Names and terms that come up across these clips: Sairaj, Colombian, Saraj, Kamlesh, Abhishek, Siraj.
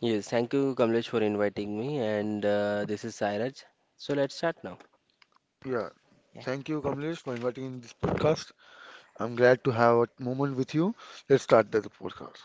Yes, thank you, Kamlesh, for inviting me. And this is Sairaj. So let's start now. Yeah, thank you, Kamlesh, for inviting in this podcast. I'm glad to have a moment with you. Let's start the podcast.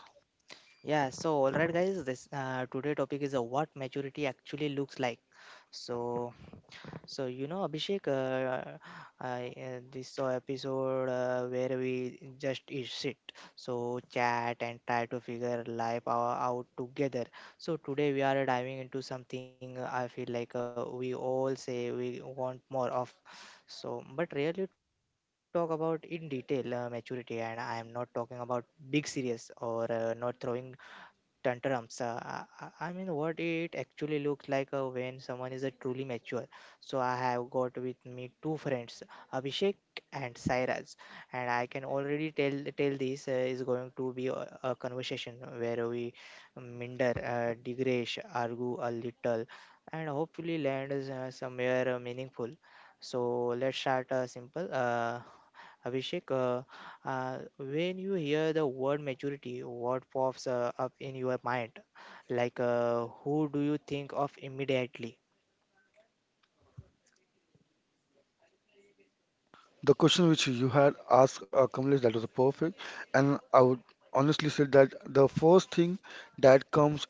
The question which you had asked Kamlesh that was perfect, and I would honestly say that the first thing that comes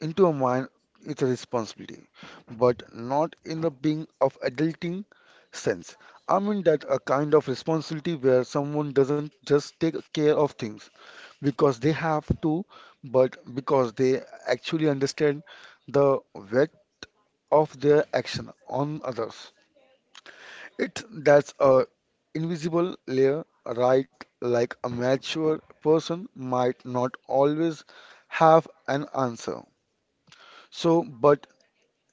into a mind it's a responsibility but not in the being of adulting sense. I mean that a kind of responsibility where someone doesn't just take care of things because they have to but because they actually understand the weight of their action on others. It that's a invisible layer, right? Like a mature person might not always have an answer so but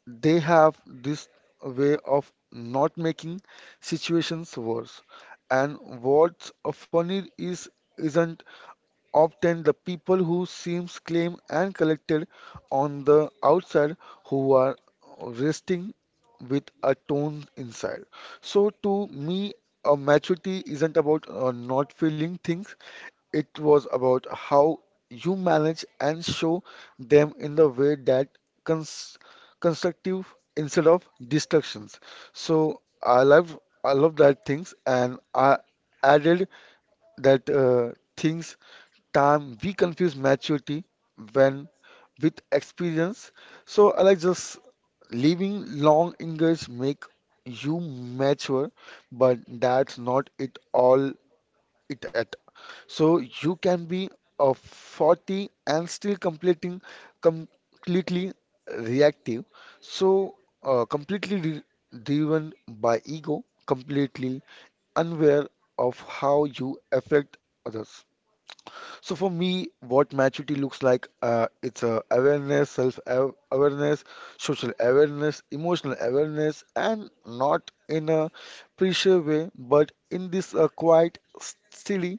they have this way of not making situations worse. And what's funny is isn't often the people who seems claim and collected on the outside who are resting with a tone inside. So to me, a maturity isn't about not feeling things. It was about how you manage and show them in the way that cons constructive instead of destructions. So I love that things, and I added that things time we confuse maturity when with experience. So I like just living long years make you mature, but that's not it all it at. So you can be a 40 and still completing completely reactive. So completely driven by ego, completely unaware of how you affect others. So for me, what maturity looks like, it's awareness, self-awareness, social awareness, emotional awareness, and not in a pressure way, but in this quiet, steady,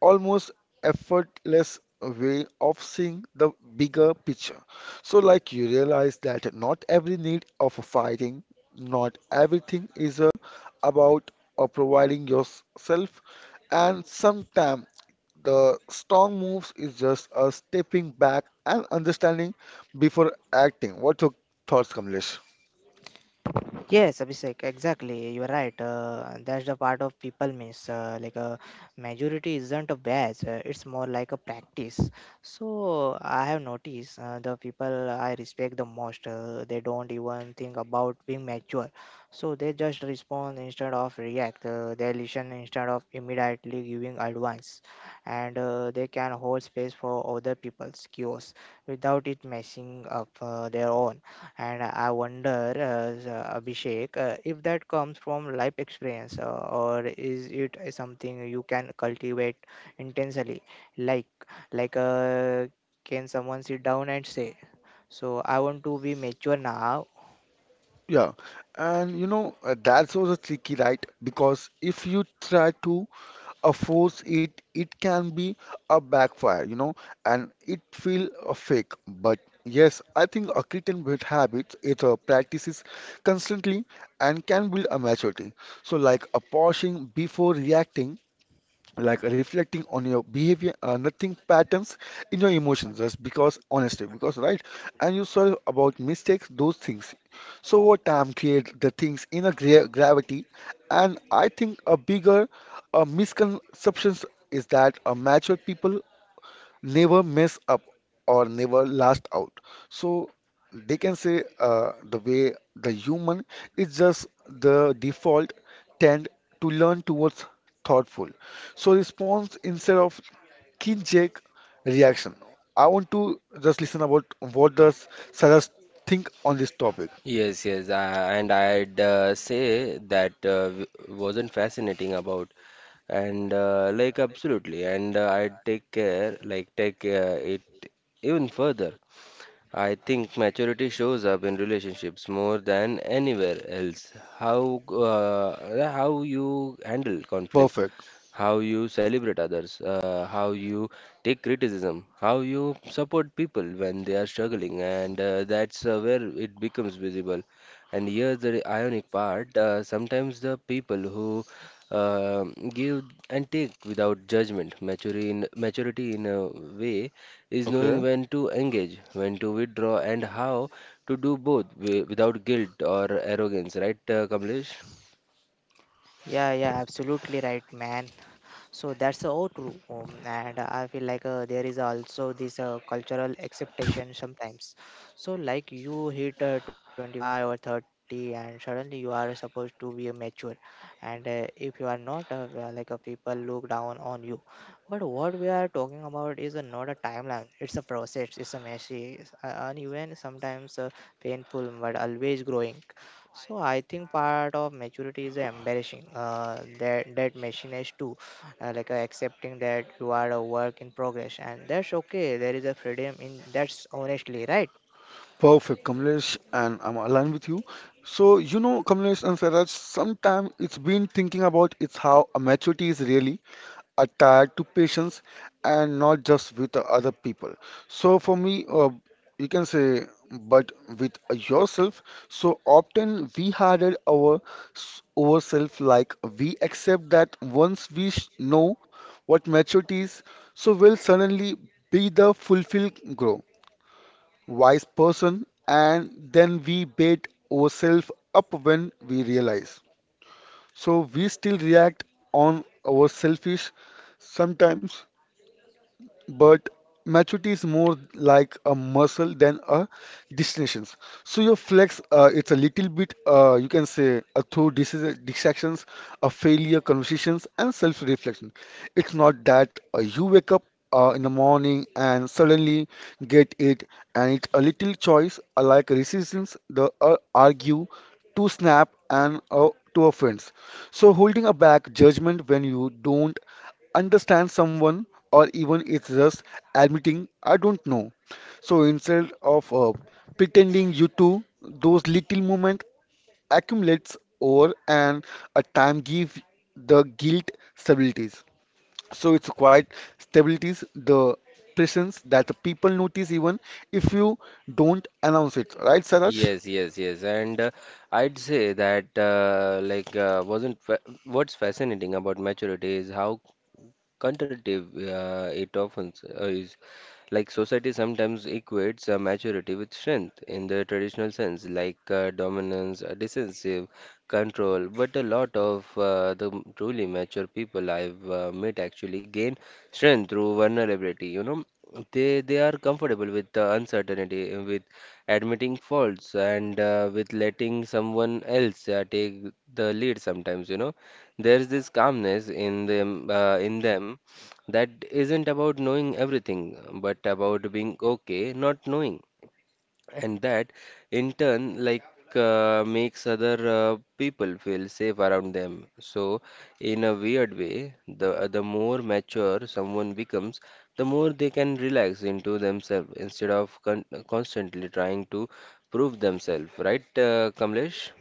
almost effortless way of seeing the bigger picture. So, like, you realize that not every need of fighting, not everything is about providing yourself, and sometimes the strong moves is just a stepping back and understanding before acting. What's your thoughts, Kamlesh? Yeah, and you know that's also tricky, right? Because if you try to force it, it can be a backfire, you know, and it feel fake. But yes, I think a creating bad habits it practices constantly and can build a maturity. So like a pausing before reacting, like reflecting on your behavior, nothing patterns in your emotions just because honesty because right and you saw about mistakes those things. So over time create the things in a gravity, and I think a bigger misconceptions is that mature people never mess up or never last out. So they can say the way the human is just the default tend to learn towards thoughtful. So response instead of knee-jerk reaction. I want to just listen about what does Sarah think on this topic. Yes, yes. And I'd say that wasn't fascinating about, and like absolutely. And I'd take care, like take it even further. I think maturity shows up in relationships more than anywhere else. How you handle conflict, Perfect. how you celebrate others, how you take criticism, how you support people when they are struggling, and that's where it becomes visible. And here's the ironic part, sometimes the people who uh, give and take without judgment, maturity in a way is Okay. knowing when to engage, when to withdraw, and how to do both without guilt or arrogance, right, Kamlesh? Perfect, Kamlesh, and I'm aligned with you. So, you know, Kamlesh and Saraj, sometimes it's been thinking about it's how maturity is really attached to patience and not just with the other people. So, for me, you can say, but with yourself. So, often we harden our ourself, like we accept that once we know what maturity is, so we'll suddenly be the fulfilled grow wise person, and then we bait ourselves up when we realize. So we still react on our selfish sometimes but maturity is more like a muscle than a destination. So your flex, it's a little bit, you can say, through distractions, a failure, conversations, and self-reflection. It's not that you wake up in the morning and suddenly get it, and it's a little choice, like resistance, the argue to snap and to offense. So holding a back judgment when you don't understand someone or even it's just admitting I don't know. So instead of pretending you do, those little moments accumulates over and a time give the guilt stabilities. So it's quite stabilities the presence that the people notice even if you don't announce it. Right, Saraj? Yes, yes, yes. And I'd say that like wasn't fa what's fascinating about maturity is how counterintuitive it often is. Like society sometimes equates maturity with strength in the traditional sense, like dominance, decisive control. But a lot of truly mature people I've met actually gain strength through vulnerability. You know, they are comfortable with uncertainty, with admitting faults, and with letting someone else take the lead sometimes. You know, there's this calmness in them, in them, that isn't about knowing everything, but about being okay not knowing, and that in turn, like, makes other people feel safe around them. So, in a weird way, the more mature someone becomes, the more they can relax into themselves instead of constantly trying to prove themselves, right, Kamlesh?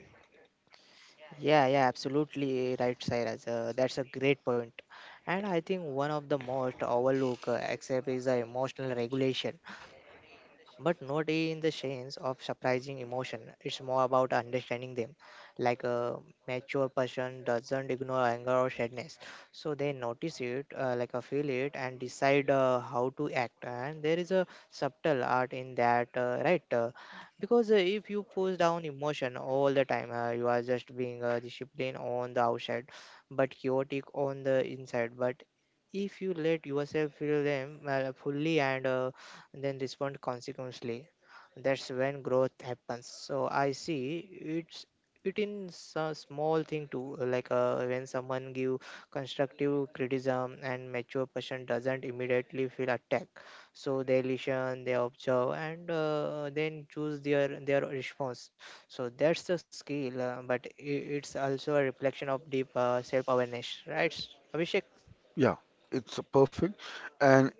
Yeah, it's perfect. And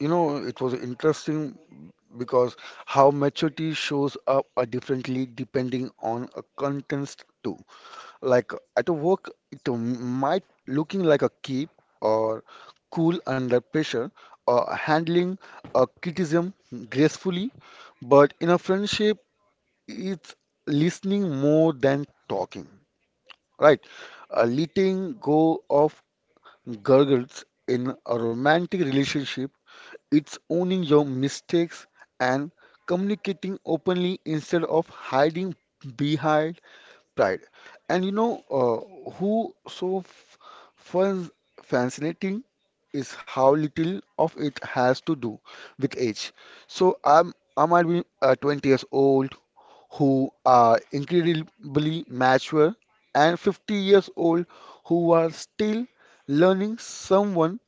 you know, it was interesting because how maturity shows up are differently depending on a context too. Like at a work, it might looking like a keep or cool under pressure or handling a criticism gracefully, but in a friendship, it's listening more than talking, right? Letting go of gurgles in a romantic relationship, it's owning your mistakes and communicating openly instead of hiding behind pride. And you know who so f fun fascinating is how little of it has to do with age. So I might be 20 years old who are incredibly mature and 50 years old who are still learning someone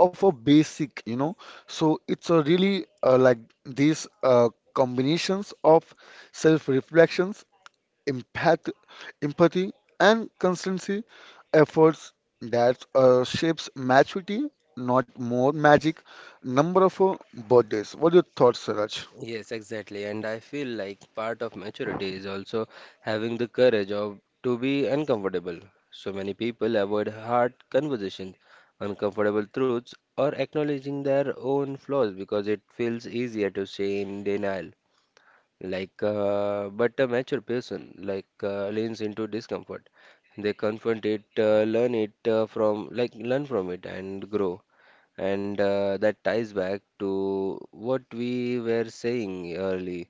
of a basic, you know. So it's a really like these combinations of self-reflections, empath empathy, and constancy efforts that shapes maturity, not more magic. Number of birthdays. What are your thoughts, Siraj? Yes, exactly. And I feel like part of maturity is also having the courage of to be uncomfortable. So many people avoid hard conversations, uncomfortable truths, or acknowledging their own flaws because it feels easier to stay in denial. Like, but a mature person, like, leans into discomfort. They confront it, learn from it and grow. And that ties back to what we were saying early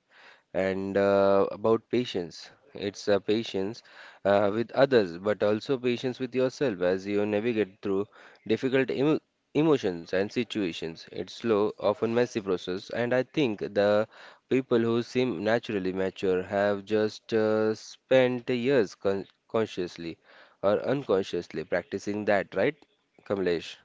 and about patience. It's a patience with others, but also patience with yourself as you navigate through difficult emotions and situations. It's slow, often messy process, and I think the people who seem naturally mature have just spent years consciously or unconsciously practicing that, right, Kamlesh?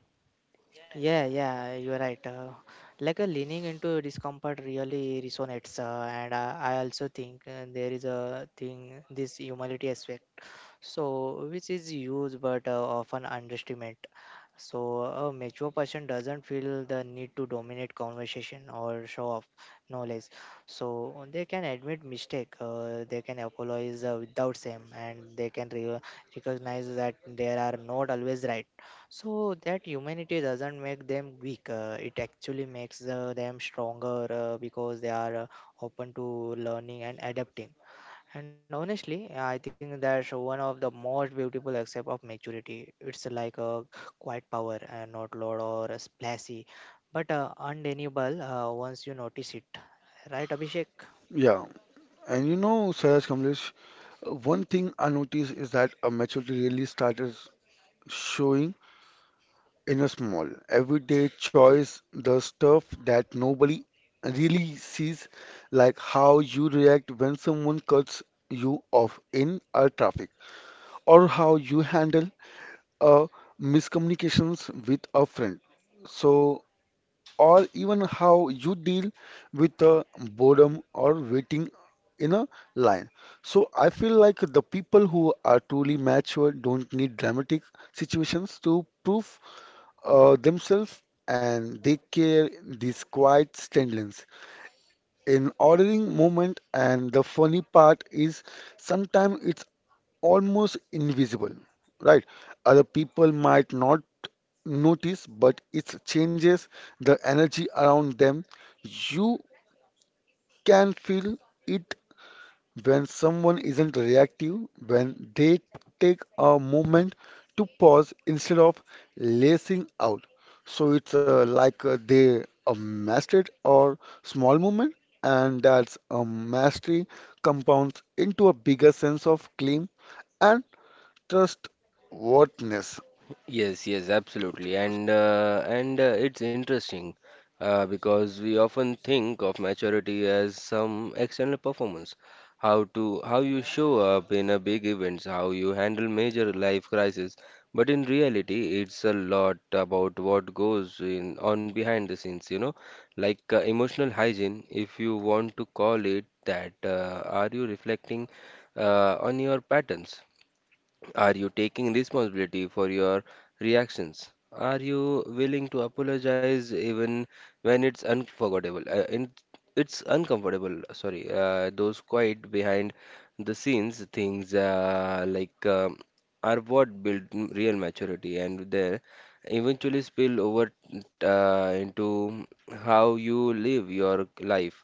Yeah, and you know, Siraj Kamlesh, one thing I noticed is that maturity really started showing. In a small, everyday choice, the stuff that nobody really sees, like how you react when someone cuts you off in a traffic, or how you handle a miscommunications with a friend. So, or even how you deal with the boredom or waiting in a line. So, I feel like the people who are truly mature don't need dramatic situations to prove themselves, and they carry this quiet standliness in ordering movement, and the funny part is sometimes it's almost invisible, right? Other people might not notice but it changes the energy around them. You can feel it when someone isn't reactive, when they take a moment to pause instead of lacing out. So it's like they mastered or small movement, and that's a mastery compounds into a bigger sense of claim and trustworthiness. Yes, yes, absolutely, and it's interesting because we often think of maturity as some external performance, how to how you show up in a big events, how you handle major life crises, but in reality, it's a lot about what goes in on behind the scenes, you know, like emotional hygiene, if you want to call it that. Are you reflecting on your patterns? Are you taking responsibility for your reactions? Are you willing to apologize even when it's unforgettable? It's uncomfortable, sorry. Those quiet behind the scenes things, are what build real maturity, and they eventually spill over into how you live your life.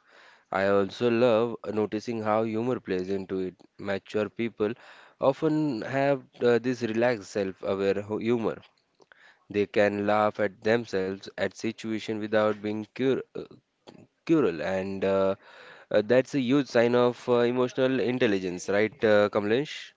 I also love noticing how humor plays into it. Mature people often have this relaxed self-aware humor. They can laugh at themselves at situation without being cruel, and that's a huge sign of emotional intelligence, right, Kamlesh?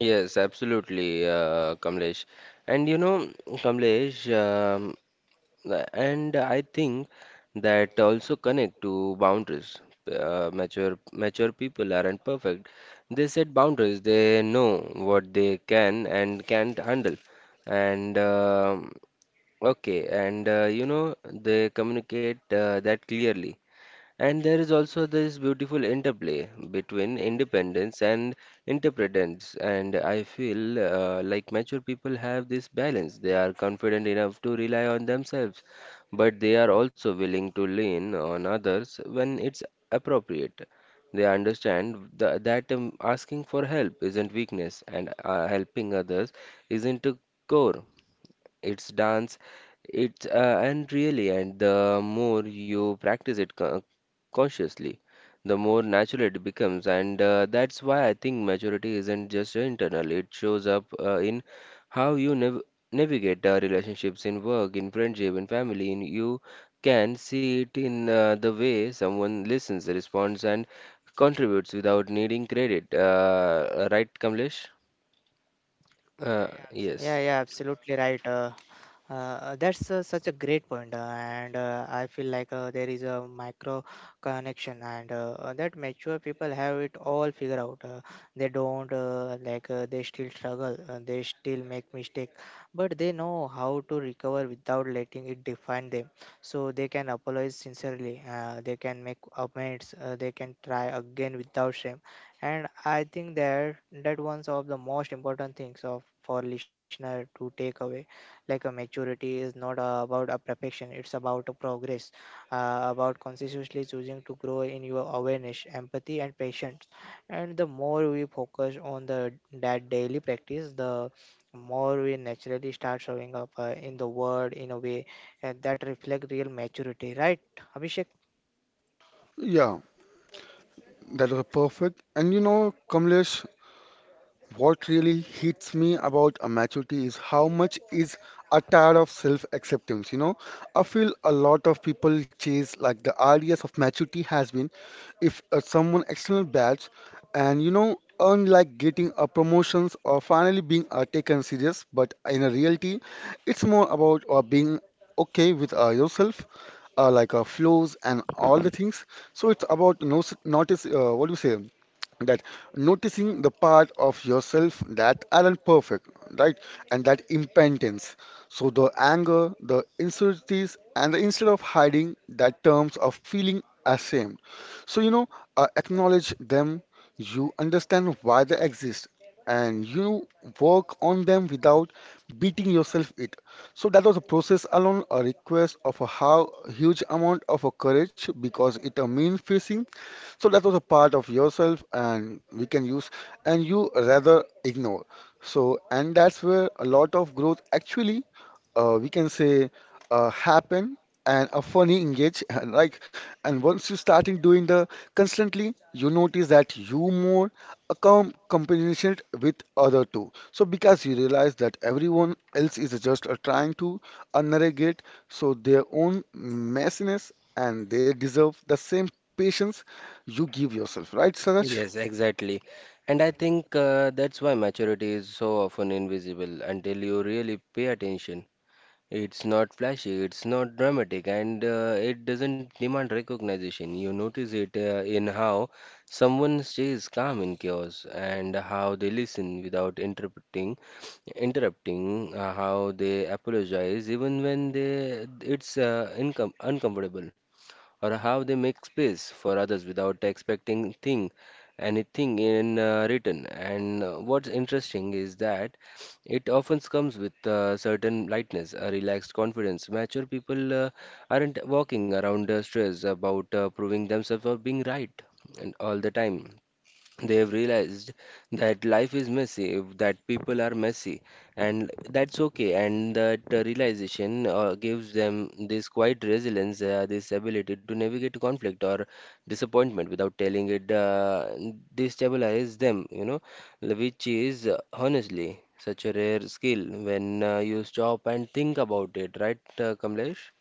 Yes, absolutely, Kamlesh. And you know, Kamlesh, and I think that also connect to boundaries. Mature people aren't perfect. They set boundaries. They know what they can and can't handle. And okay, and you know they communicate that clearly. And there is also this beautiful interplay between independence and interdependence. And I feel like mature people have this balance. They are confident enough to rely on themselves, but they are also willing to lean on others when it's appropriate. They understand that asking for help isn't weakness, and helping others isn't a core. It's dance. And the more you practice it consciously, the more natural it becomes. And that's why I think maturity isn't just internal. It shows up in how you navigate relationships in work, in friendship, in family. In you can see it in the way someone listens, responds, and contributes without needing credit. Right, Kamlesh? Yeah, yeah, yes. Yeah, that was perfect. And you know, Kamlesh, what really hits me about a maturity is how much is a tired of self-acceptance, you know. I feel a lot of people chase like the ideas of maturity has been if someone external badge and you know earn like getting a promotions or finally being taken serious, but in a reality, it's more about being okay with yourself. Like flows and all the things. So it's about no, notice. What do you say? That noticing the part of yourself that aren't perfect, right? And that impatience. So the anger, the insecurities, and the instead of hiding that terms of feeling ashamed. So you know, acknowledge them. You understand why they exist, and you work on them without beating yourself it. So that was a process alone, a request of a how huge amount of a courage because it a mean facing. So that was a part of yourself, and we can use, and you rather ignore. So, and that's where a lot of growth actually, we can say, happen and a funny engage. And like, and once you starting doing the constantly, you notice that you more accom combination with other two. So because you realize that everyone else is just trying to navigate so their own messiness and they deserve the same patience you give yourself, right, Saraj? Yes, exactly. And I think that's why maturity is so often invisible until you really pay attention. It's not flashy, it's not dramatic, and it doesn't demand recognition. You notice it in how someone stays calm in chaos and how they listen without interrupting, how they apologize even when they it's incom uncomfortable, or how they make space for others without expecting thing anything in return. And what's interesting is that it often comes with a certain lightness, a relaxed confidence. Mature people aren't walking around stressed about proving themselves or being right and all the time. They've realized that life is messy, that people are messy, and that's okay. And that realization gives them this quiet resilience, this ability to navigate conflict or disappointment without telling it, destabilize them, you know, which is honestly such a rare skill when you stop and think about it, right, Kamlesh?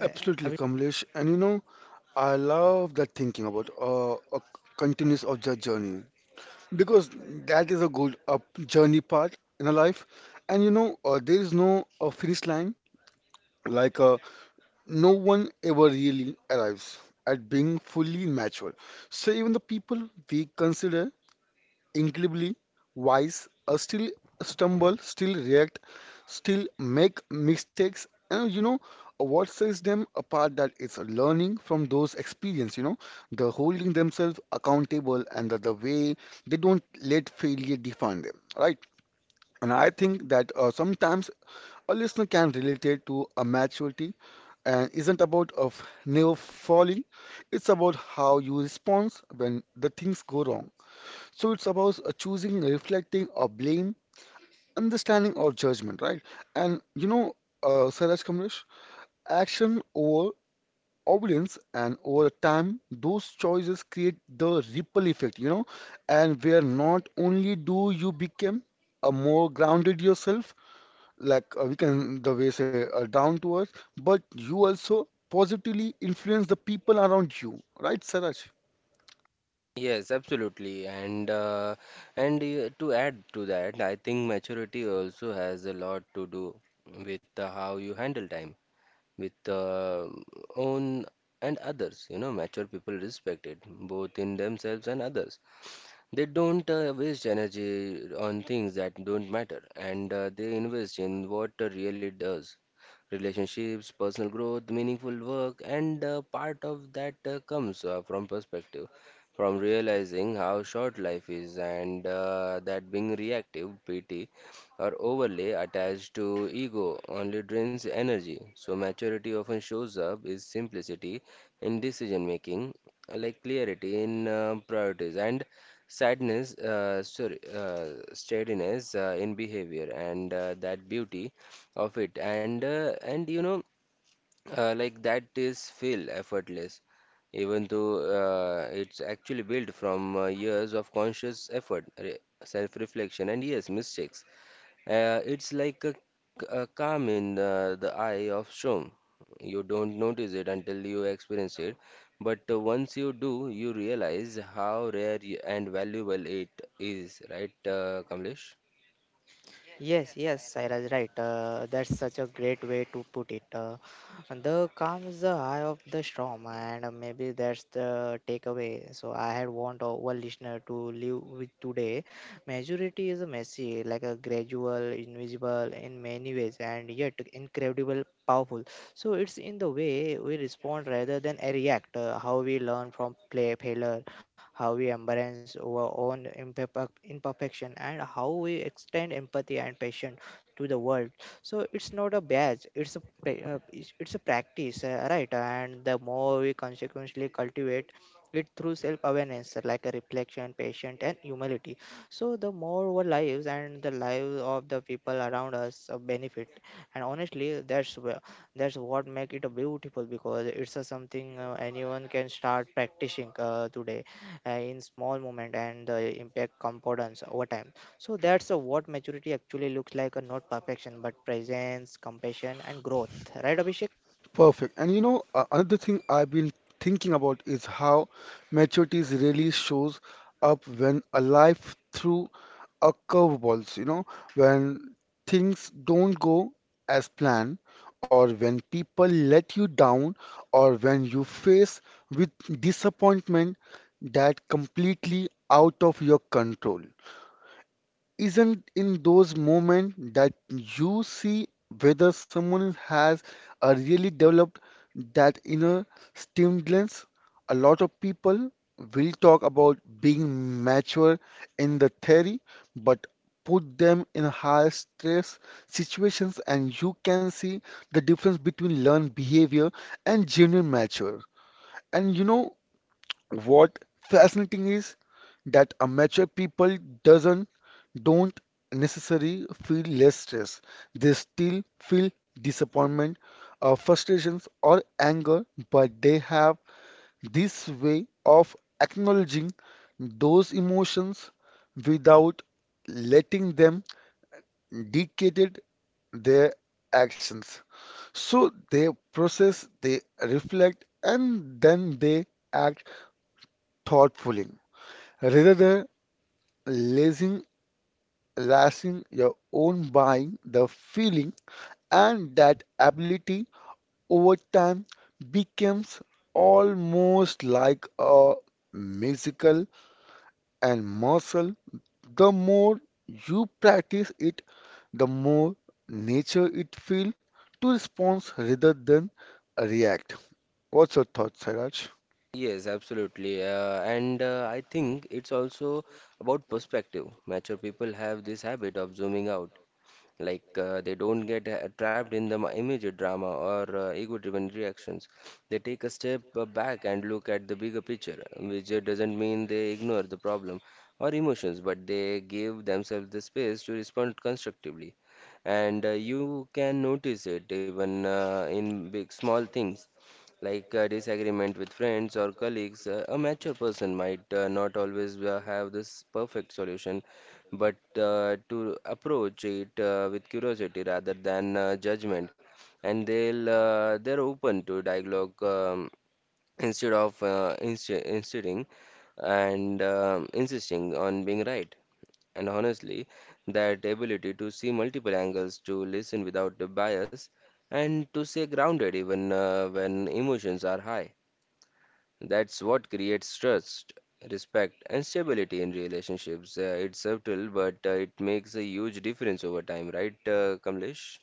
Absolutely, Kamlesh. And you know, I love that thinking about a continuous of the journey because that is a good journey part in a life. And you know, there is no finish line. Like no one ever really arrives at being fully mature. So even the people we consider incredibly wise, still stumble, still react, still make mistakes. And you know what sets them apart that it's learning from those experience, you know, the holding themselves accountable and the way they don't let failure define them, right? And I think that sometimes a listener can relate it to a maturity and isn't about of never falling. It's about how you respond when the things go wrong. So it's about choosing, reflecting, or blame, understanding or judgment, right? And you know, Saraj Kamlesh, action over obedience, and over time, those choices create the ripple effect, you know, and where not only do you become a more grounded yourself, like we can the way say down to earth, but you also positively influence the people around you, right, Saraj? Yes, absolutely. And to add to that, I think maturity also has a lot to do with how you handle time with own and others. You know, mature people respect it both in themselves and others. They don't waste energy on things that don't matter, and they invest in what really does. Relationships, personal growth, meaningful work, and part of that comes from perspective, from realizing how short life is, and that being reactive, pity, or overly attached to ego only drains energy. So, maturity often shows up is simplicity in decision making, like clarity in priorities, and steadiness in behavior, and that beauty of it, and you know, like that is feel effortless, even though it's actually built from years of conscious effort, self-reflection, and yes, mistakes. It's like a calm in the eye of storm. You don't notice it until you experience it, but once you do, you realize how rare and valuable it is, right, Kamlesh? Perfect. And you know, another thing I've been thinking about is how maturity really shows up when a life through a curveballs, you know, when things don't go as planned, or when people let you down, or when you face with disappointment that completely out of your control. Isn't in those moments that you see whether someone has a really developed that inner stimulus. A lot of people will talk about being mature in the theory, but put them in high stress situations and you can see the difference between learned behavior and genuine mature. And you know what fascinating is that amateur people doesn't don't necessarily feel less stress. They still feel disappointment, frustrations, or anger, but they have this way of acknowledging those emotions without letting them dictate their actions. So they process, they reflect, and then they act thoughtfully rather lasting, lasting your own buying, the feeling. And that ability over time becomes almost like a musical and muscle. The more you practice it, the more nature it feels to respond rather than react. What's your thought, Saraj? Yes, absolutely. And I think it's also about perspective. Mature people have this habit of zooming out, like they don't get trapped in the immediate drama or ego-driven reactions. They take a step back and look at the bigger picture, which doesn't mean they ignore the problem or emotions, but they give themselves the space to respond constructively. And you can notice it even in big small things like disagreement with friends or colleagues. A mature person might not always have this perfect solution, but to approach it with curiosity rather than judgment, and they're open to dialogue, instead of insisting, and insisting on being right. And honestly, that ability to see multiple angles, to listen without the bias, and to stay grounded even when emotions are high. That's what creates trust, respect, and stability in relationships. It's subtle, but it makes a huge difference over time, right, Kamlesh?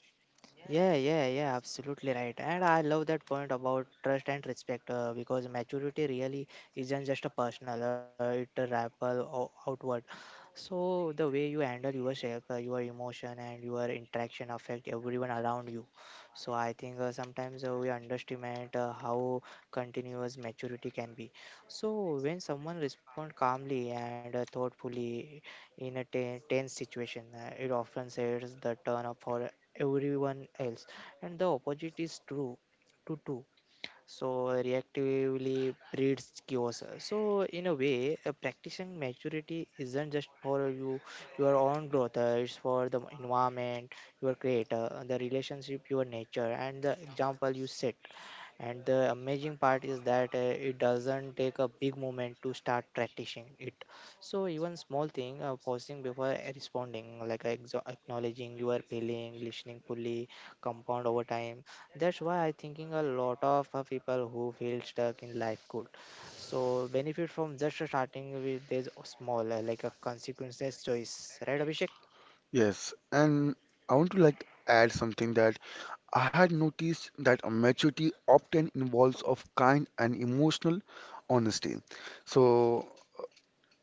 Yes, and I want to like add something that I had noticed that a maturity often involves of kind and emotional honesty. So,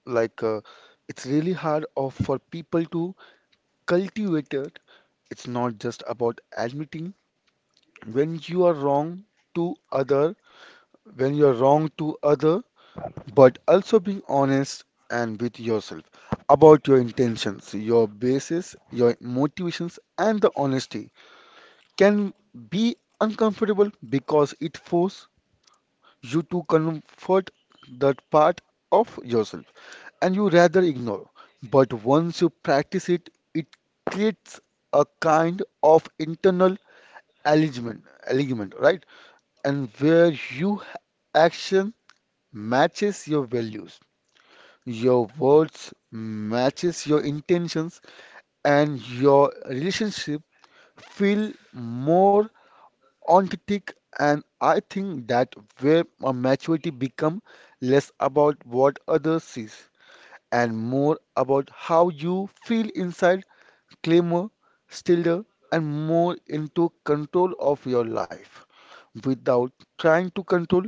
like, it's really hard of, for people to cultivate it. It's not just about admitting when you are wrong to other, when you are wrong to other, but also being honest and with yourself about your intentions, your basis, your motivations, and the honesty can be uncomfortable because it forces you to comfort that part of yourself and you rather ignore. But once you practice it, it creates a kind of internal alignment, right? And where your action matches your values, your words matches your intentions, and your relationship feel more on critique, and I think that where a maturity become less about what others sees and more about how you feel inside claimer, stiller and more into control of your life without trying to control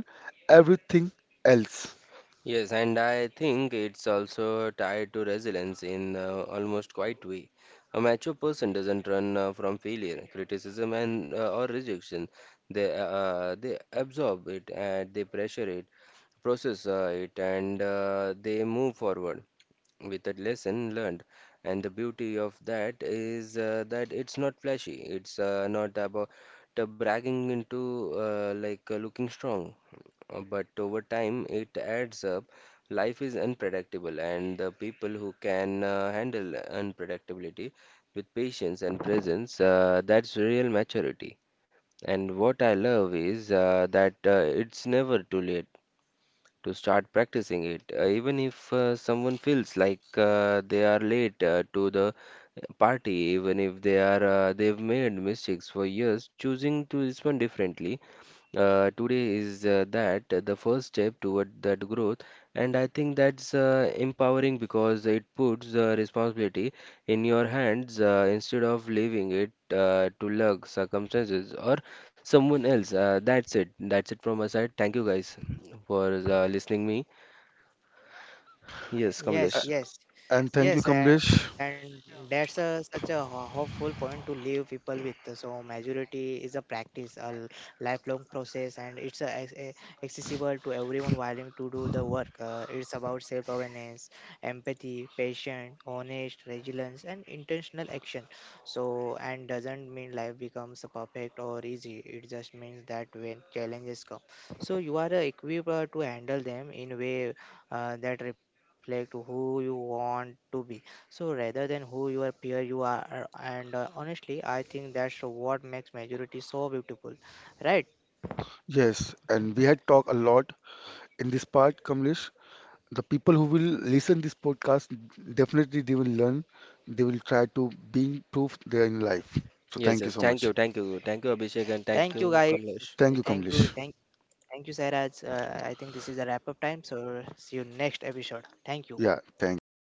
everything else. Yes, and I think it's also tied to resilience in almost quite way. A mature person doesn't run from failure, criticism, and or rejection. They absorb it and they pressure it, process it, and they move forward with a lesson learned. And the beauty of that is that it's not flashy. It's not about bragging into looking strong. But over time it adds up. Life is unpredictable, and the people who can handle unpredictability with patience and presence, that's real maturity. And what I love is that it's never too late to start practicing it, even if someone feels like they are late to the party, even if they've made mistakes for years. Choosing to respond differently today is that the first step toward that growth. And I think that's empowering because it puts the responsibility in your hands instead of leaving it to luck circumstances or someone else. That's it. From my side, thank you guys for listening me. Yes, Kamlesh. A- And thank you, Kamlesh. Yes, and we had talked a lot in this part, Kamlesh, the people who will listen this podcast definitely they will learn they will try to being proof there in life so Yes, thank you yes, so thank much. you, thank you, thank you, Abhishek, and thank you, Kamlesh. Thank you, Kamlesh. Yeah, thank you.